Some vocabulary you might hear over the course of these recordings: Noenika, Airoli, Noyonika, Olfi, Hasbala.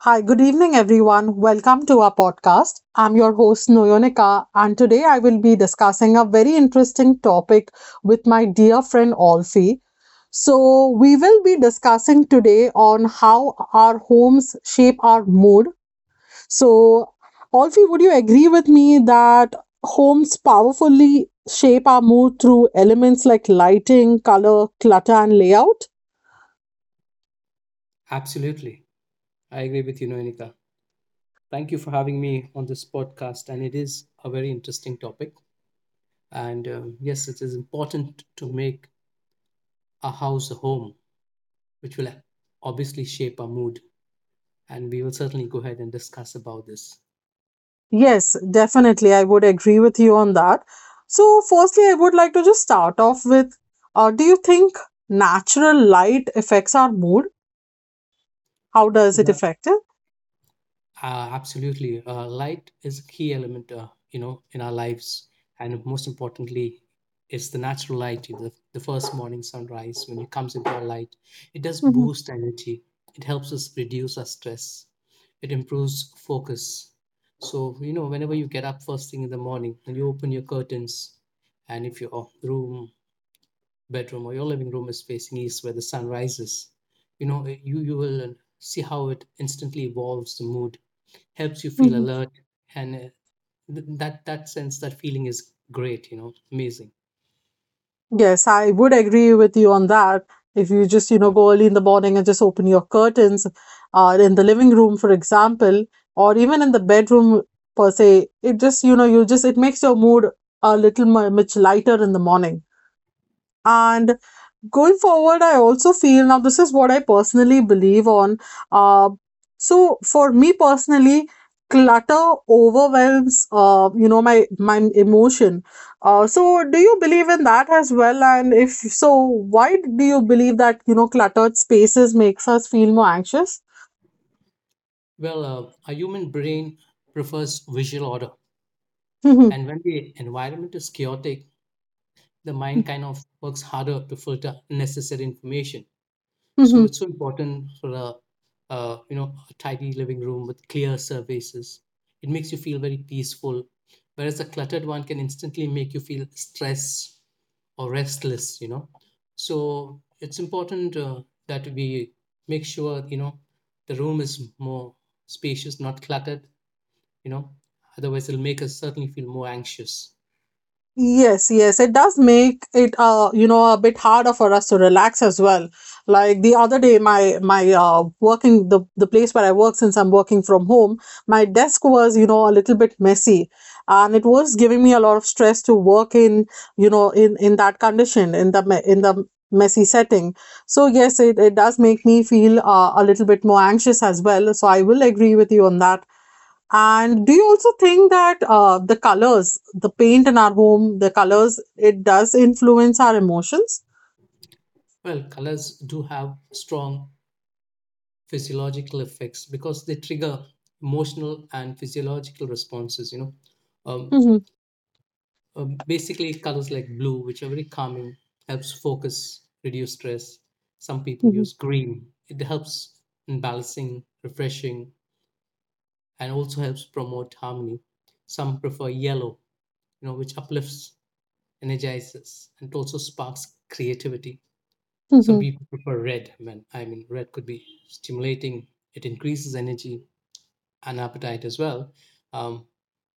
Hi, good evening, everyone. Welcome to our podcast. I'm your host, Noyonika, and today I will be discussing a very interesting topic with my dear friend, Olfi. So, we will be discussing today on how our homes shape our mood. So, Olfi, would you agree with me that homes powerfully shape our mood through elements like lighting, color, clutter, and layout? Absolutely. I agree with you, Noenika. Thank you for having me on this podcast. And it is a very interesting topic. And yes, it is important to make a house a home, which will obviously shape our mood. And we will certainly go ahead and discuss about this. Yes, definitely. I would agree with you on that. So, firstly, I would like to just start off with do you think natural light affects our mood? How does it affect it? Absolutely. Light is a key element, in our lives. And most importantly, it's the natural light, the first morning sunrise when it comes into our light. It does Hmm, boost energy. It helps us reduce our stress. It improves focus. So, whenever you get up first thing in the morning and you open your curtains, and if your room, bedroom, or your living room is facing east where the sun rises, you will see how it instantly evolves the mood, helps you feel hmm. alert, and that sense, that feeling is great. Amazing. Yes, I would agree with you on that. If you just, you know, go early in the morning and just open your curtains in the living room, for example, or even in the bedroom per se, it just, it makes your mood a little much lighter in the morning. And going forward, I also feel, now this is what I personally believe on, uh, so for me personally, clutter overwhelms, my emotion. So do you believe in that as well, and if so, why do you believe that you know cluttered spaces makes us feel more anxious? Well, a human brain prefers visual order, and when the environment is chaotic, the mind kind of works harder to filter necessary information. So it's so important for a tidy living room with clear surfaces. It makes you feel very peaceful, whereas a cluttered one can instantly make you feel stressed or restless. So it's important, that we make sure the room is more spacious, not cluttered. You know, otherwise, it'll make us certainly feel more anxious. Yes, yes, it does make it a bit harder for us to relax as well. Like the other day, my working the place where I work, since I'm working from home, my desk was a little bit messy, and it was giving me a lot of stress to work in that condition in the messy setting. So yes, it does make me feel a little bit more anxious as well. So I will agree with you on that. And do you also think that the colors, the paint in our home, the colors, it does influence our emotions? Well, colors do have strong physiological effects because they trigger emotional and physiological responses. Um, Hmm, Basically, colors like blue, which are very calming, helps focus, reduce stress. Some people hmm, use green; it helps in balancing, refreshing, and also helps promote harmony. Some prefer yellow, which uplifts, energizes, and also sparks creativity. Some hmm, people prefer red. Man, I mean, red could be stimulating. It increases energy, an appetite as well, um,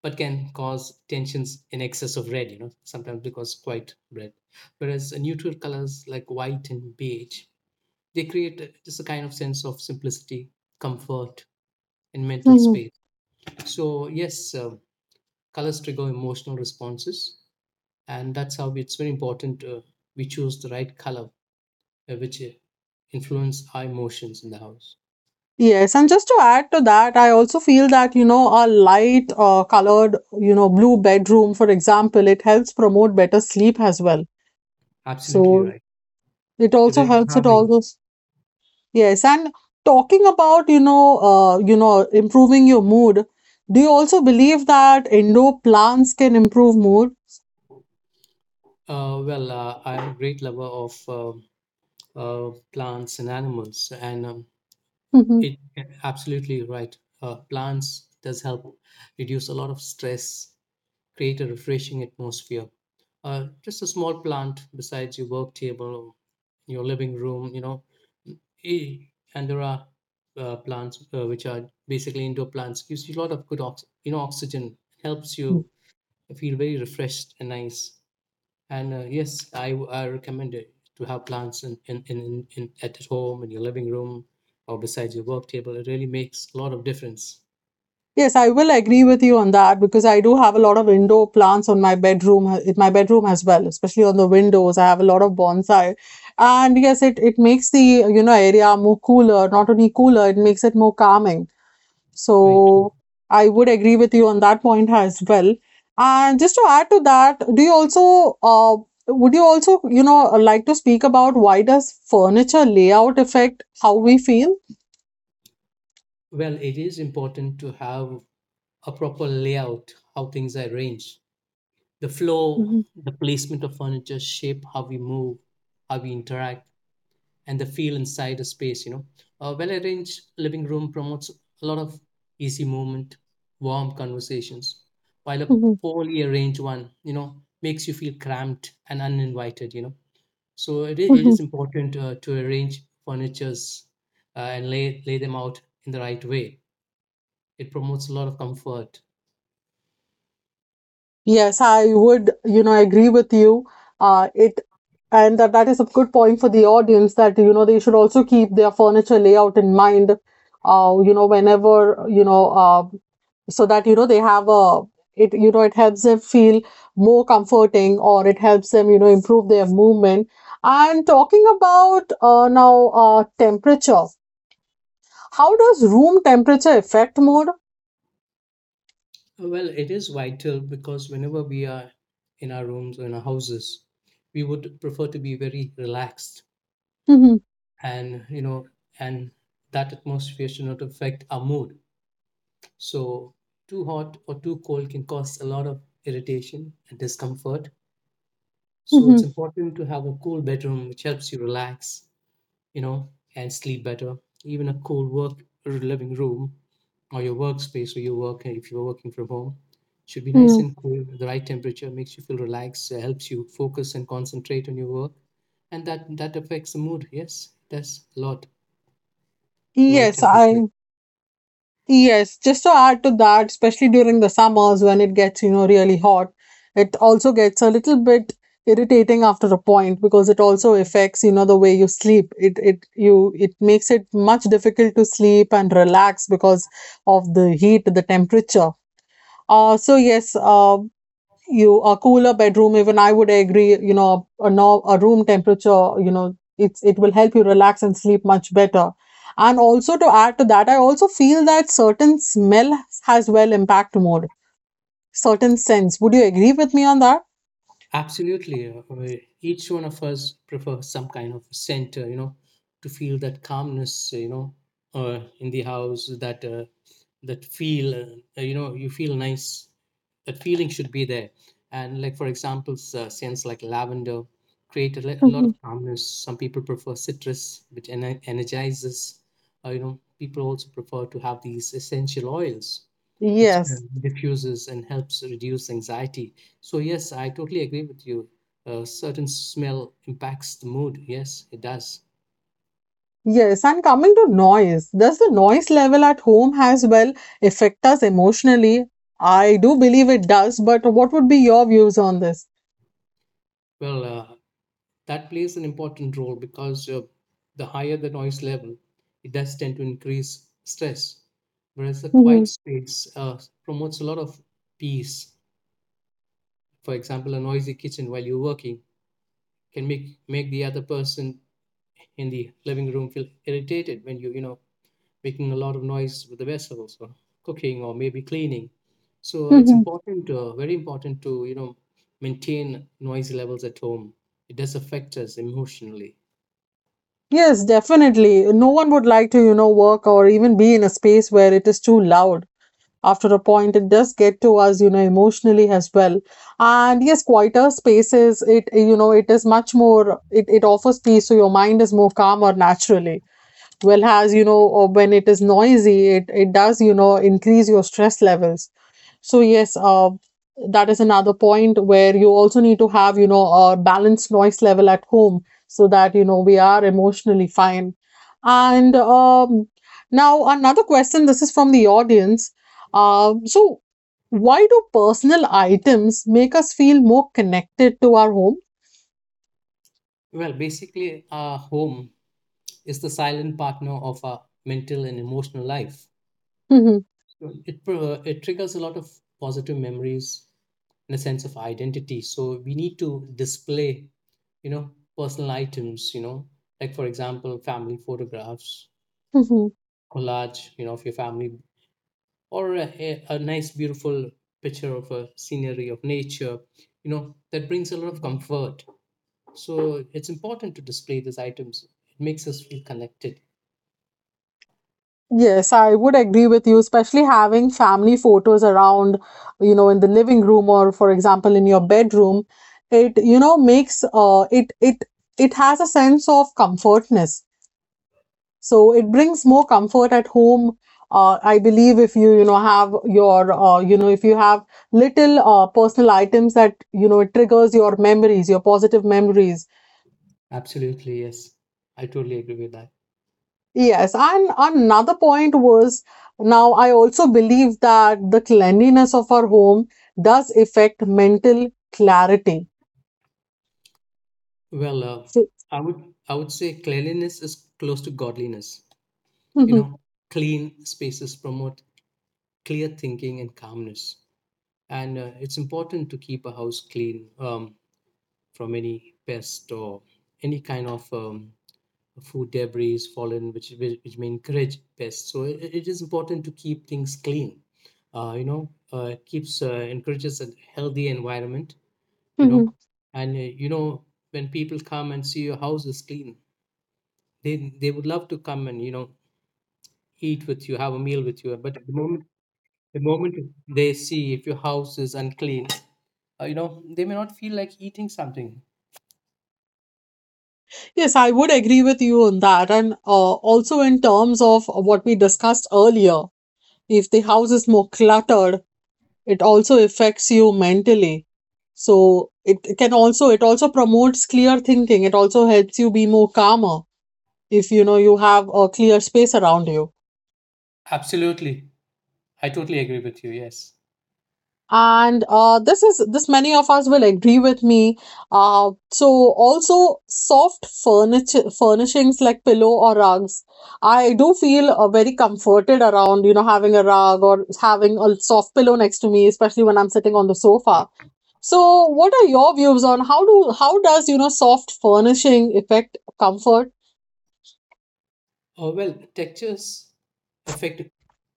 but can cause tensions in excess of red, sometimes because quite red. Whereas neutral colors like white and beige, they create just a kind of sense of simplicity, comfort, and mental hmm. space. So, yes, colors trigger emotional responses, and that's how it's very important, we choose the right color, which influence our emotions in the house. Yes, and just to add to that, I also feel that, you know, a light colored, blue bedroom, for example, it helps promote better sleep as well. Absolutely So right. it They're also very helps at all calming. those. Yes, and talking about, improving your mood, do you also believe that indoor plants can improve mood? Well, I'm a great lover of plants and animals, and it absolutely right. Plants does help reduce a lot of stress, create a refreshing atmosphere. Just a small plant besides your work table, your living room, eh, and there are plants, which are basically indoor plants, gives you a lot of good oxygen, helps Mm. you feel very refreshed and nice. And yes, I recommend it to have plants in at home, in your living room, or beside your work table. It really makes a lot of difference. Yes, I will agree with you on that, because I do have a lot of indoor plants on my bedroom, in my bedroom as well, especially on the windows. I have a lot of bonsai. And yes, it makes the, area more cooler. Not only cooler, it makes it more calming. Right. So I would agree with you on that point as well. And just to add to that, would you also, like to speak about why does furniture layout affect how we feel? Well, it is important to have a proper layout: how things are arranged, the flow, Mhm. the placement of furniture, shape, how we move, how we interact, and the feel inside a space. A well arranged living room promotes a lot of easy movement, warm conversations, while a Mhm. poorly arranged one, makes you feel cramped and uninvited. So it is important, to arrange furnitures and lay them out in the right way. It promotes a lot of comfort. Yes, I would, agree with you. It and that is a good point for the audience, that you know they should also keep their furniture layout in mind. Whenever, so that they have a it. You know, it helps them feel more comforting, or it helps them improve their movement. And talking about now temperature, how does room temperature affect mood? Well, it is vital because whenever we are in our rooms or in our houses, we would prefer to be very relaxed, and you know and that atmosphere should not affect our mood. So too hot or too cold can cause a lot of irritation and discomfort. So Mm-hmm, it's important to have a cool bedroom which helps you relax, you know and sleep better. Even a cool work or living room, or your workspace where you work, if you're working from home, should be nice hmm. and cool. The right temperature makes you feel relaxed, helps you focus and concentrate on your work, and that affects the mood. Yes, that's a lot, the right Yes, temperature. I Yes, just to add to that, especially during the summers when it gets, really hot, it also gets a little bit irritating after a point, because it also affects, the way you sleep. It makes it much difficult to sleep and relax because of the heat, the temperature. So yes, you a cooler bedroom, even I would agree, a, no, a room temperature, it will help you relax and sleep much better. And also, to add to that, I also feel that certain smell has, well, impact more certain sense. Would you agree with me on that? Absolutely, where each one of us prefers some kind of center, to feel that calmness, in the house. That that feel, you feel nice. That feeling should be there. And like, for example, scents like lavender create a lot Mhm. of calmness. Some people prefer citrus, which energizes. People also prefer to have these essential oils, which Yes, diffuses and helps reduce anxiety. So yes, I totally agree with you. A certain smell impacts the mood. Yes, it does. yes, and coming to noise, does the noise level at home as well affect us emotionally? I do believe it does, but what would be your views on this? Well, that plays an important role because the higher the noise level, it does tend to increase stress. Whereas the quiet space promotes a lot of peace. For example, a noisy kitchen while you're working can make the other person in the living room feel irritated when you know making a lot of noise with the vessels, or cooking, or maybe cleaning. So it's Mhm. important, very important to, maintain noise levels at home. It does affect us emotionally. Yes, definitely. No one would like to, work or even be in a space where it is too loud. After a point, it does get to us, emotionally as well. And yes, quieter spaces, it is much more, it offers peace. So your mind is more calmer naturally. Well, as you know, or when it is noisy, it does, increase your stress levels. So yes, that is another point where you also need to have, a balanced noise level at home, so that, we are emotionally fine. And now, another question. This is from the audience. So why do personal items make us feel more connected to our Well, basically, our home is the silent partner of our mental and emotional life. home? So it triggers a lot of positive memories and a sense of identity. So we need to display, you know, personal items, like, for example, family photographs, collage, of your family, or a nice beautiful picture of a scenery of nature. That brings a lot of comfort. So it's important to display these items; it makes us feel connected. Yes, I would agree with you, especially having family photos around, in the living room or, for example, in your bedroom. It, you know, makes it it it has a sense of comfortness. So it brings more comfort at home. I believe if you, you know, have your, if you have little personal items, that, it triggers your memories, your positive memories. Absolutely. Yes, I totally agree with that. Yes, and another point was, now I also believe that the cleanliness of our home does affect mental clarity. Well, So, i would I would say cleanliness is close to godliness. you know Mhm, Clean spaces promote clear thinking and calmness. And it's important to keep a house clean, from any pest or any kind of food debris fallen, which may encourage pests. So it is important to keep things clean. It keeps, encourages a healthy environment. You know, mhm. and when people come and see your house is clean, they would love to come and eat with you, have a meal with you. But at the moment they see if your house is unclean, they may not feel like eating something. Yes, I would agree with you on that. And also, in terms of what we discussed earlier, if the house is more cluttered, it also affects you mentally. So it also promotes clear thinking. It also helps you be more calmer if you know you have a clear space around you. Absolutely, I totally agree with you. Yes. And this is this many of us will agree with me. So also, soft furniture furnishings like pillow or rugs, I do feel, very comforted around, having a rug or having a soft pillow next to me, especially when I'm sitting on the sofa. So what are your views on how does soft furnishing affect comfort? Well, textures affect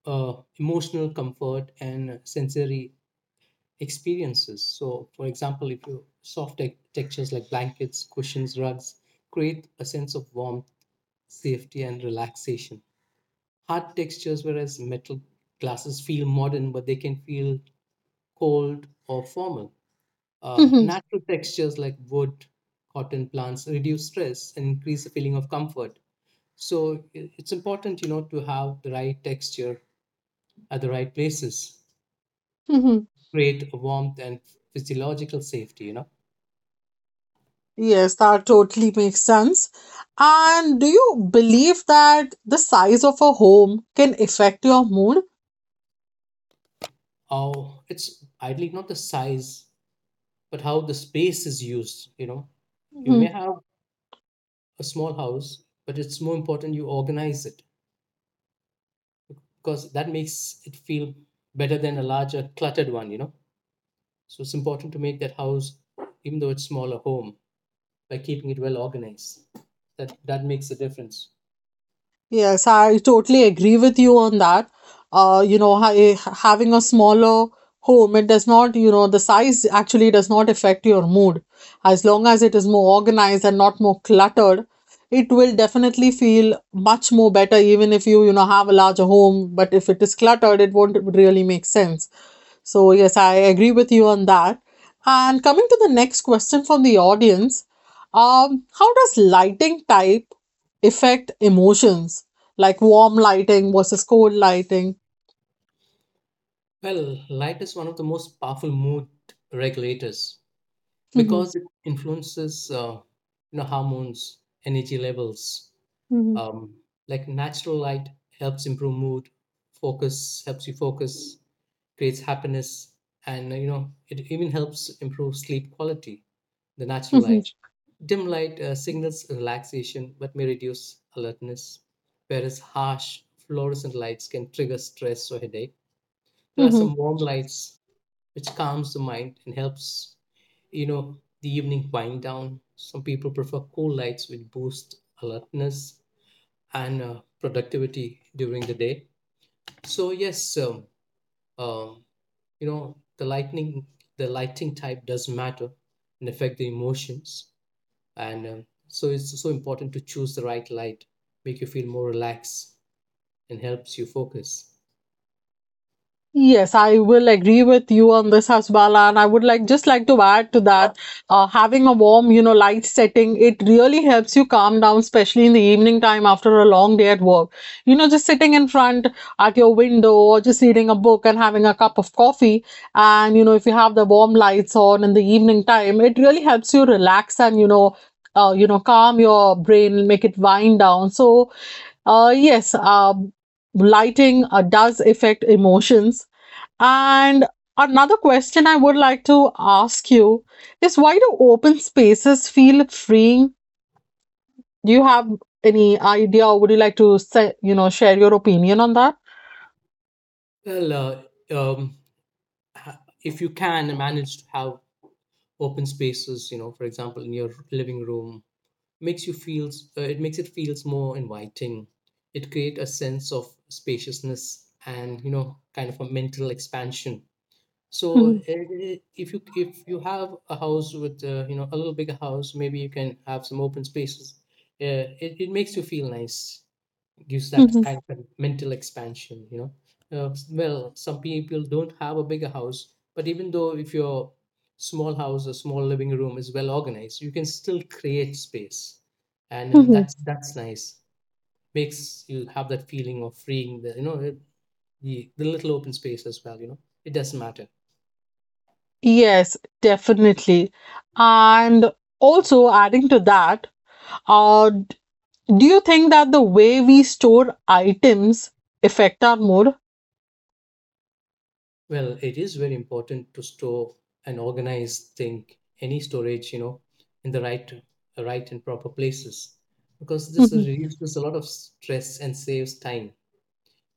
uh, emotional comfort and sensory experiences. So, for example, if you soft textures like blankets, cushions, rugs create a sense of warmth, safety, and relaxation. Hard textures, whereas metal glasses, feel modern, but they can feel cold or formal. Natural textures like wood, cotton plants reduce stress and increase the feeling of comfort. So it's important, to have the right texture at the right places, create a warmth and physiological safety. Yes, that totally makes sense. And do you believe that the size of a home can affect your mood? Oh, it's ideally not the size, but how the space is used, you know. You may have a small house, but it's more important you organize it because that makes it feel better than a larger cluttered one. So it's important to make that house, even though it's smaller home, by keeping it well organized. That makes a difference. Yes, I totally agree with you on that. Having a smaller home, it does not, you know, the size actually does not affect your mood. As long as it is more organized and not more cluttered, it will definitely feel much more better, even if you, have a larger home. But if it is cluttered, it won't really make sense. So, yes, I agree with you on that. And coming to the next question from the audience, how does lighting type affect emotions? Like warm lighting versus cold lighting. Well, light is one of the most powerful mood regulators Hmm, because it influences, hormones, energy levels. hmm, Um, like, natural light helps improve mood, focus, helps you focus, creates happiness, and it even helps improve sleep quality. The natural hmm, light, dim light, signals relaxation but may reduce alertness, whereas harsh fluorescent lights can trigger stress or headache. There are hmm. some warm lights which calms the mind and helps, the evening wind down. Some people prefer cool lights, which boost alertness and productivity during the day. So yes, um, you know, the lightning, the lighting type does matter and affect the emotions. And so it's so important to choose the right light, make you feel more relaxed, and helps you focus. Yes, I will agree with you on this, Hasbala, and I would like just like to add to that. Having a warm, light setting, it really helps you calm down, especially in the evening time after a long day at work. Just sitting in front at your window or just reading a book and having a cup of coffee, and if you have the warm lights on in the evening time, it really helps you relax and calm your brain, make it wind down. So, yes, lighting does affect emotions. And another question I would like to ask you is, why do open spaces feel freeing? Do you have any idea, or would you like to share your opinion on that? Well, ha- if you can manage to have open spaces, for example, in your living room, makes you feels it makes it feels more inviting. It creates a sense of spaciousness and, kind of a mental expansion. So, Mhm, if you have a house with, a little bigger house, maybe you can have some open spaces. It makes you feel nice, gives that mhm, kind of a mental expansion, well, some people don't have a bigger house, but even though if your small house or small living room is well organized, you can still create space. And mhm. that's nice, makes you have that feeling of freeing the you know it- the little open space as well, it doesn't matter. Yes, definitely. And also adding to that, Uh, d- do you think that the way we store items affect our mood? Well, it is very important to store and organize, think any storage, in the right and proper places, because this Mhm, reduces a lot of stress and saves time,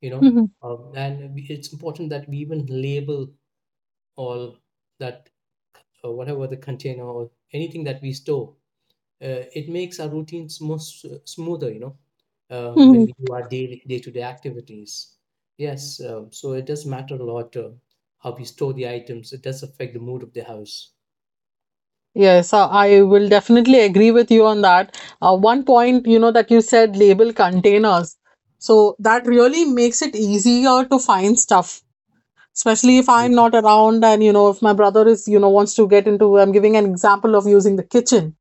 you know. mhm, And it's important that we even label all that, whatever the container or anything that we store. It makes our routines more smoother, when mhm. we do our daily day-to-day activities. Yes. So it does matter a lot, how we store the items. It does affect the mood of the house. Yes, I will definitely agree with you on that. One point, that you said, label containers. So that really makes it easier to find stuff, especially if I'm not around, and, if my brother wants to get into, I'm giving an example of using the kitchen.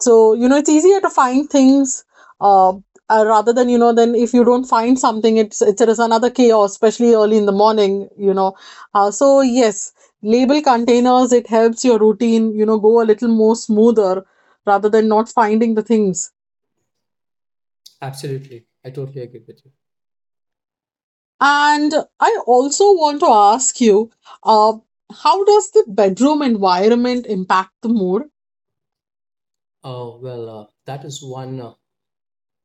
So it's easier to find things, uh, rather than, then if you don't find something, it is another chaos, especially early in the morning. So yes, label containers, it helps your routine, go a little more smoother rather than not finding the things. Absolutely. I totally agree with you. And I also want to ask you, uh, how does the bedroom environment impact the mood? Oh, well, that is one uh,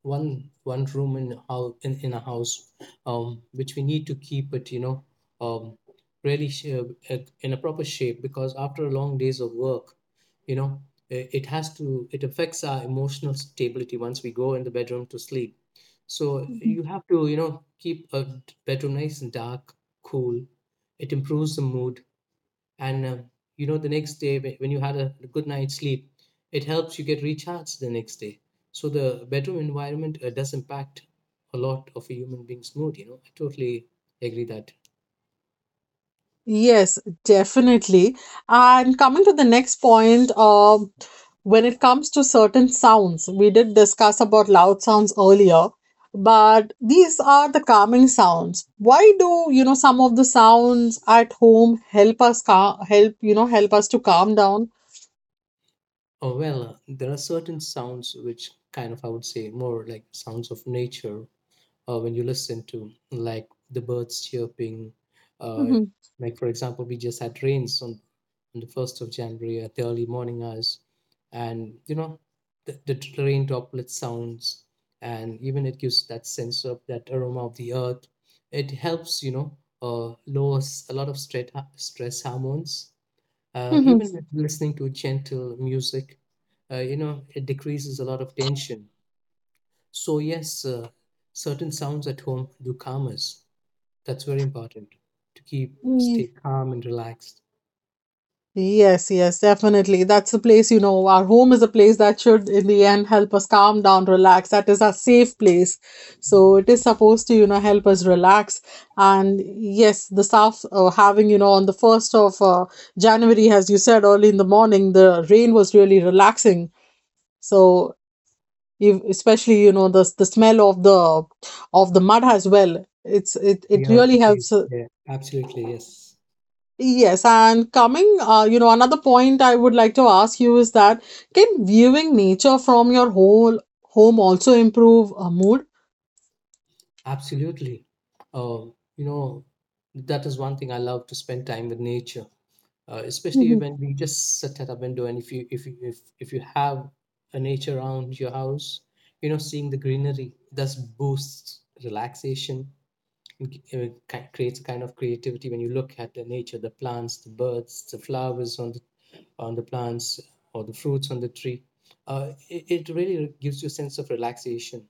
one one room in, in a house, which we need to keep it, um, really in a proper shape, because after long days of work, you know I- it has to it affects our emotional stability once we go in the bedroom to sleep. So you have to, keep a bedroom nice and dark, cool. It improves the mood, and, the next day, when you had a good night's sleep, it helps you get recharged the next day. So the bedroom environment does impact a lot of a human being's mood, I totally agree that. Yes, definitely. And coming to the next point, when it comes to certain sounds, we did discuss about loud sounds earlier, but these are the calming sounds. Why do, some of the sounds at home help us calm, help us to calm down? Oh, well, there are certain sounds which kind of, I would say, more like sounds of nature. When you listen to, like, the birds chirping, uh, Mm-hmm. like, for example, we just had rains on the 1st of January at the early morning hours. And, the rain droplet sounds, and even it gives that sense of that aroma of the earth. It helps, lowers a lot of stress hormones, even with listening to gentle music. It decreases a lot of tension. So, yes, certain sounds at home do calm us. That's very important to keep, stay Mm-hmm. calm and relaxed. Yes, yes, definitely. That's a place, our home is a place that should, in the end, help us calm down, relax. That is our safe place. So it is supposed to, help us relax. And yes, the south, having, on the 1st of January, as you said, early in the morning, the rain was really relaxing. So if, especially, the smell of the mud as well. It Yeah, really helps. it's- yeah. Absolutely. Yes, Yes, and coming, another point I would like to ask you is that, can viewing nature from your whole home also improve mood? absolutely. Um, you know, that is one thing I love, to spend time with nature, especially Mhm, when we just sit at a window. And if you have a nature around your house, seeing the greenery thus boosts relaxation, creates a kind of creativity when you look at the nature, the plants, the birds, the flowers on the plants or the fruits on the tree. It really gives you a sense of relaxation.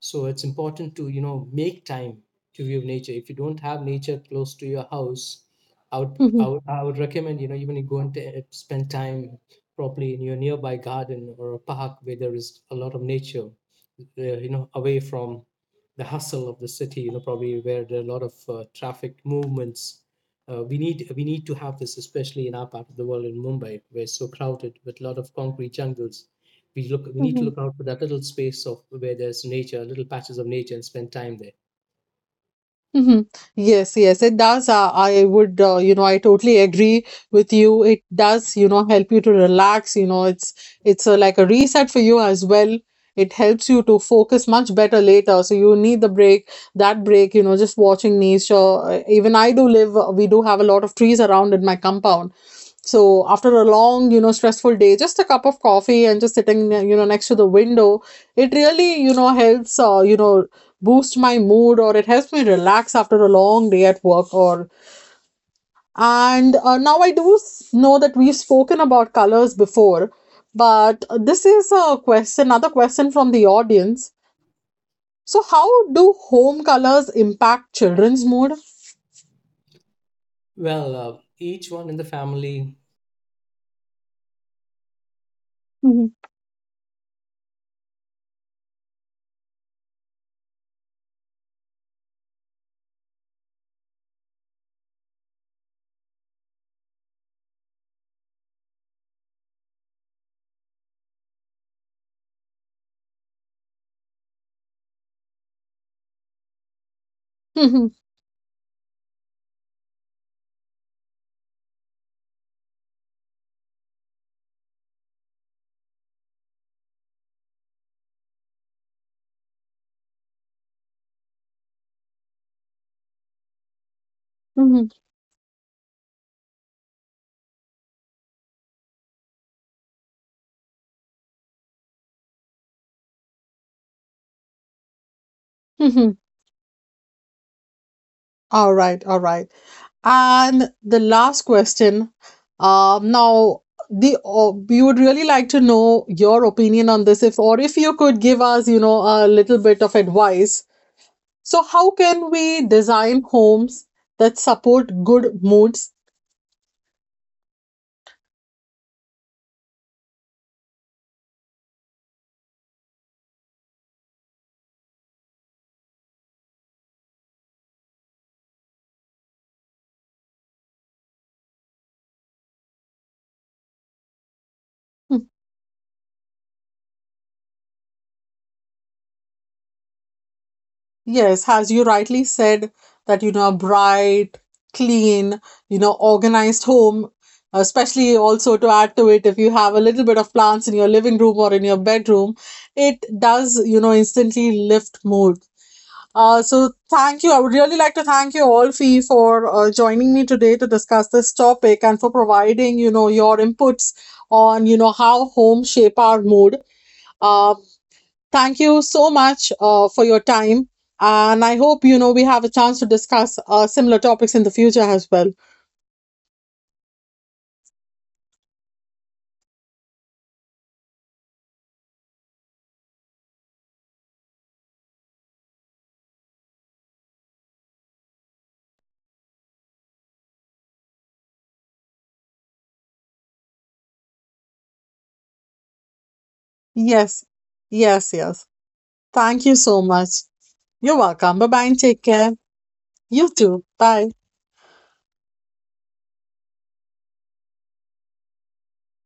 So it's important to, make time to view nature. If you don't have nature close to your house, I would I mhm, would, I would recommend, even you go and spend time properly in your nearby garden or a park where there is a lot of nature, away from the hustle of the city, probably where there are a lot of traffic movements. We need to have this, especially in our part of the world, in Mumbai, where it's so crowded with a lot of concrete jungles. We need to look mhm. out for that little space of where there's nature, little patches of nature, and spend time there. Mhm. Yes, yes, it does. I totally agree with you. It does, help you to relax. You know, it's like a reset for you as well. It helps you to focus much better later. So you need the break, that break, just watching nature. Even I do live, we do have a lot of trees around in my compound. So after a long stressful day, just a cup of coffee and just sitting, next to the window, it really, helps, boost my mood, or it helps me relax after a long day at work or. And now, I do know that we've spoken about colors before, but this is a question, another question from the audience. So how do home colors impact children's mood? Well, each one in the family Mhm, mhm, mhm, mhm. All right. All right. And the last question. Now, the we would really like to know your opinion on this. If you could give us, a little bit of advice. So how can we design homes that support good moods? Yes, as you rightly said, that you know, a bright, clean, organized home, especially also to add to it, if you have a little bit of plants in your living room or in your bedroom, it does, instantly lift mood. So thank you. I would really like to thank you all, Fee, for joining me today to discuss this topic and for providing, your inputs on, how home shape our mood. Uh, Thank you so much for your time. And I hope, we have a chance to discuss similar topics in the future as well. Yes, yes, yes. Thank you so much. You're welcome. Bye, bye, and take care. You too. Bye.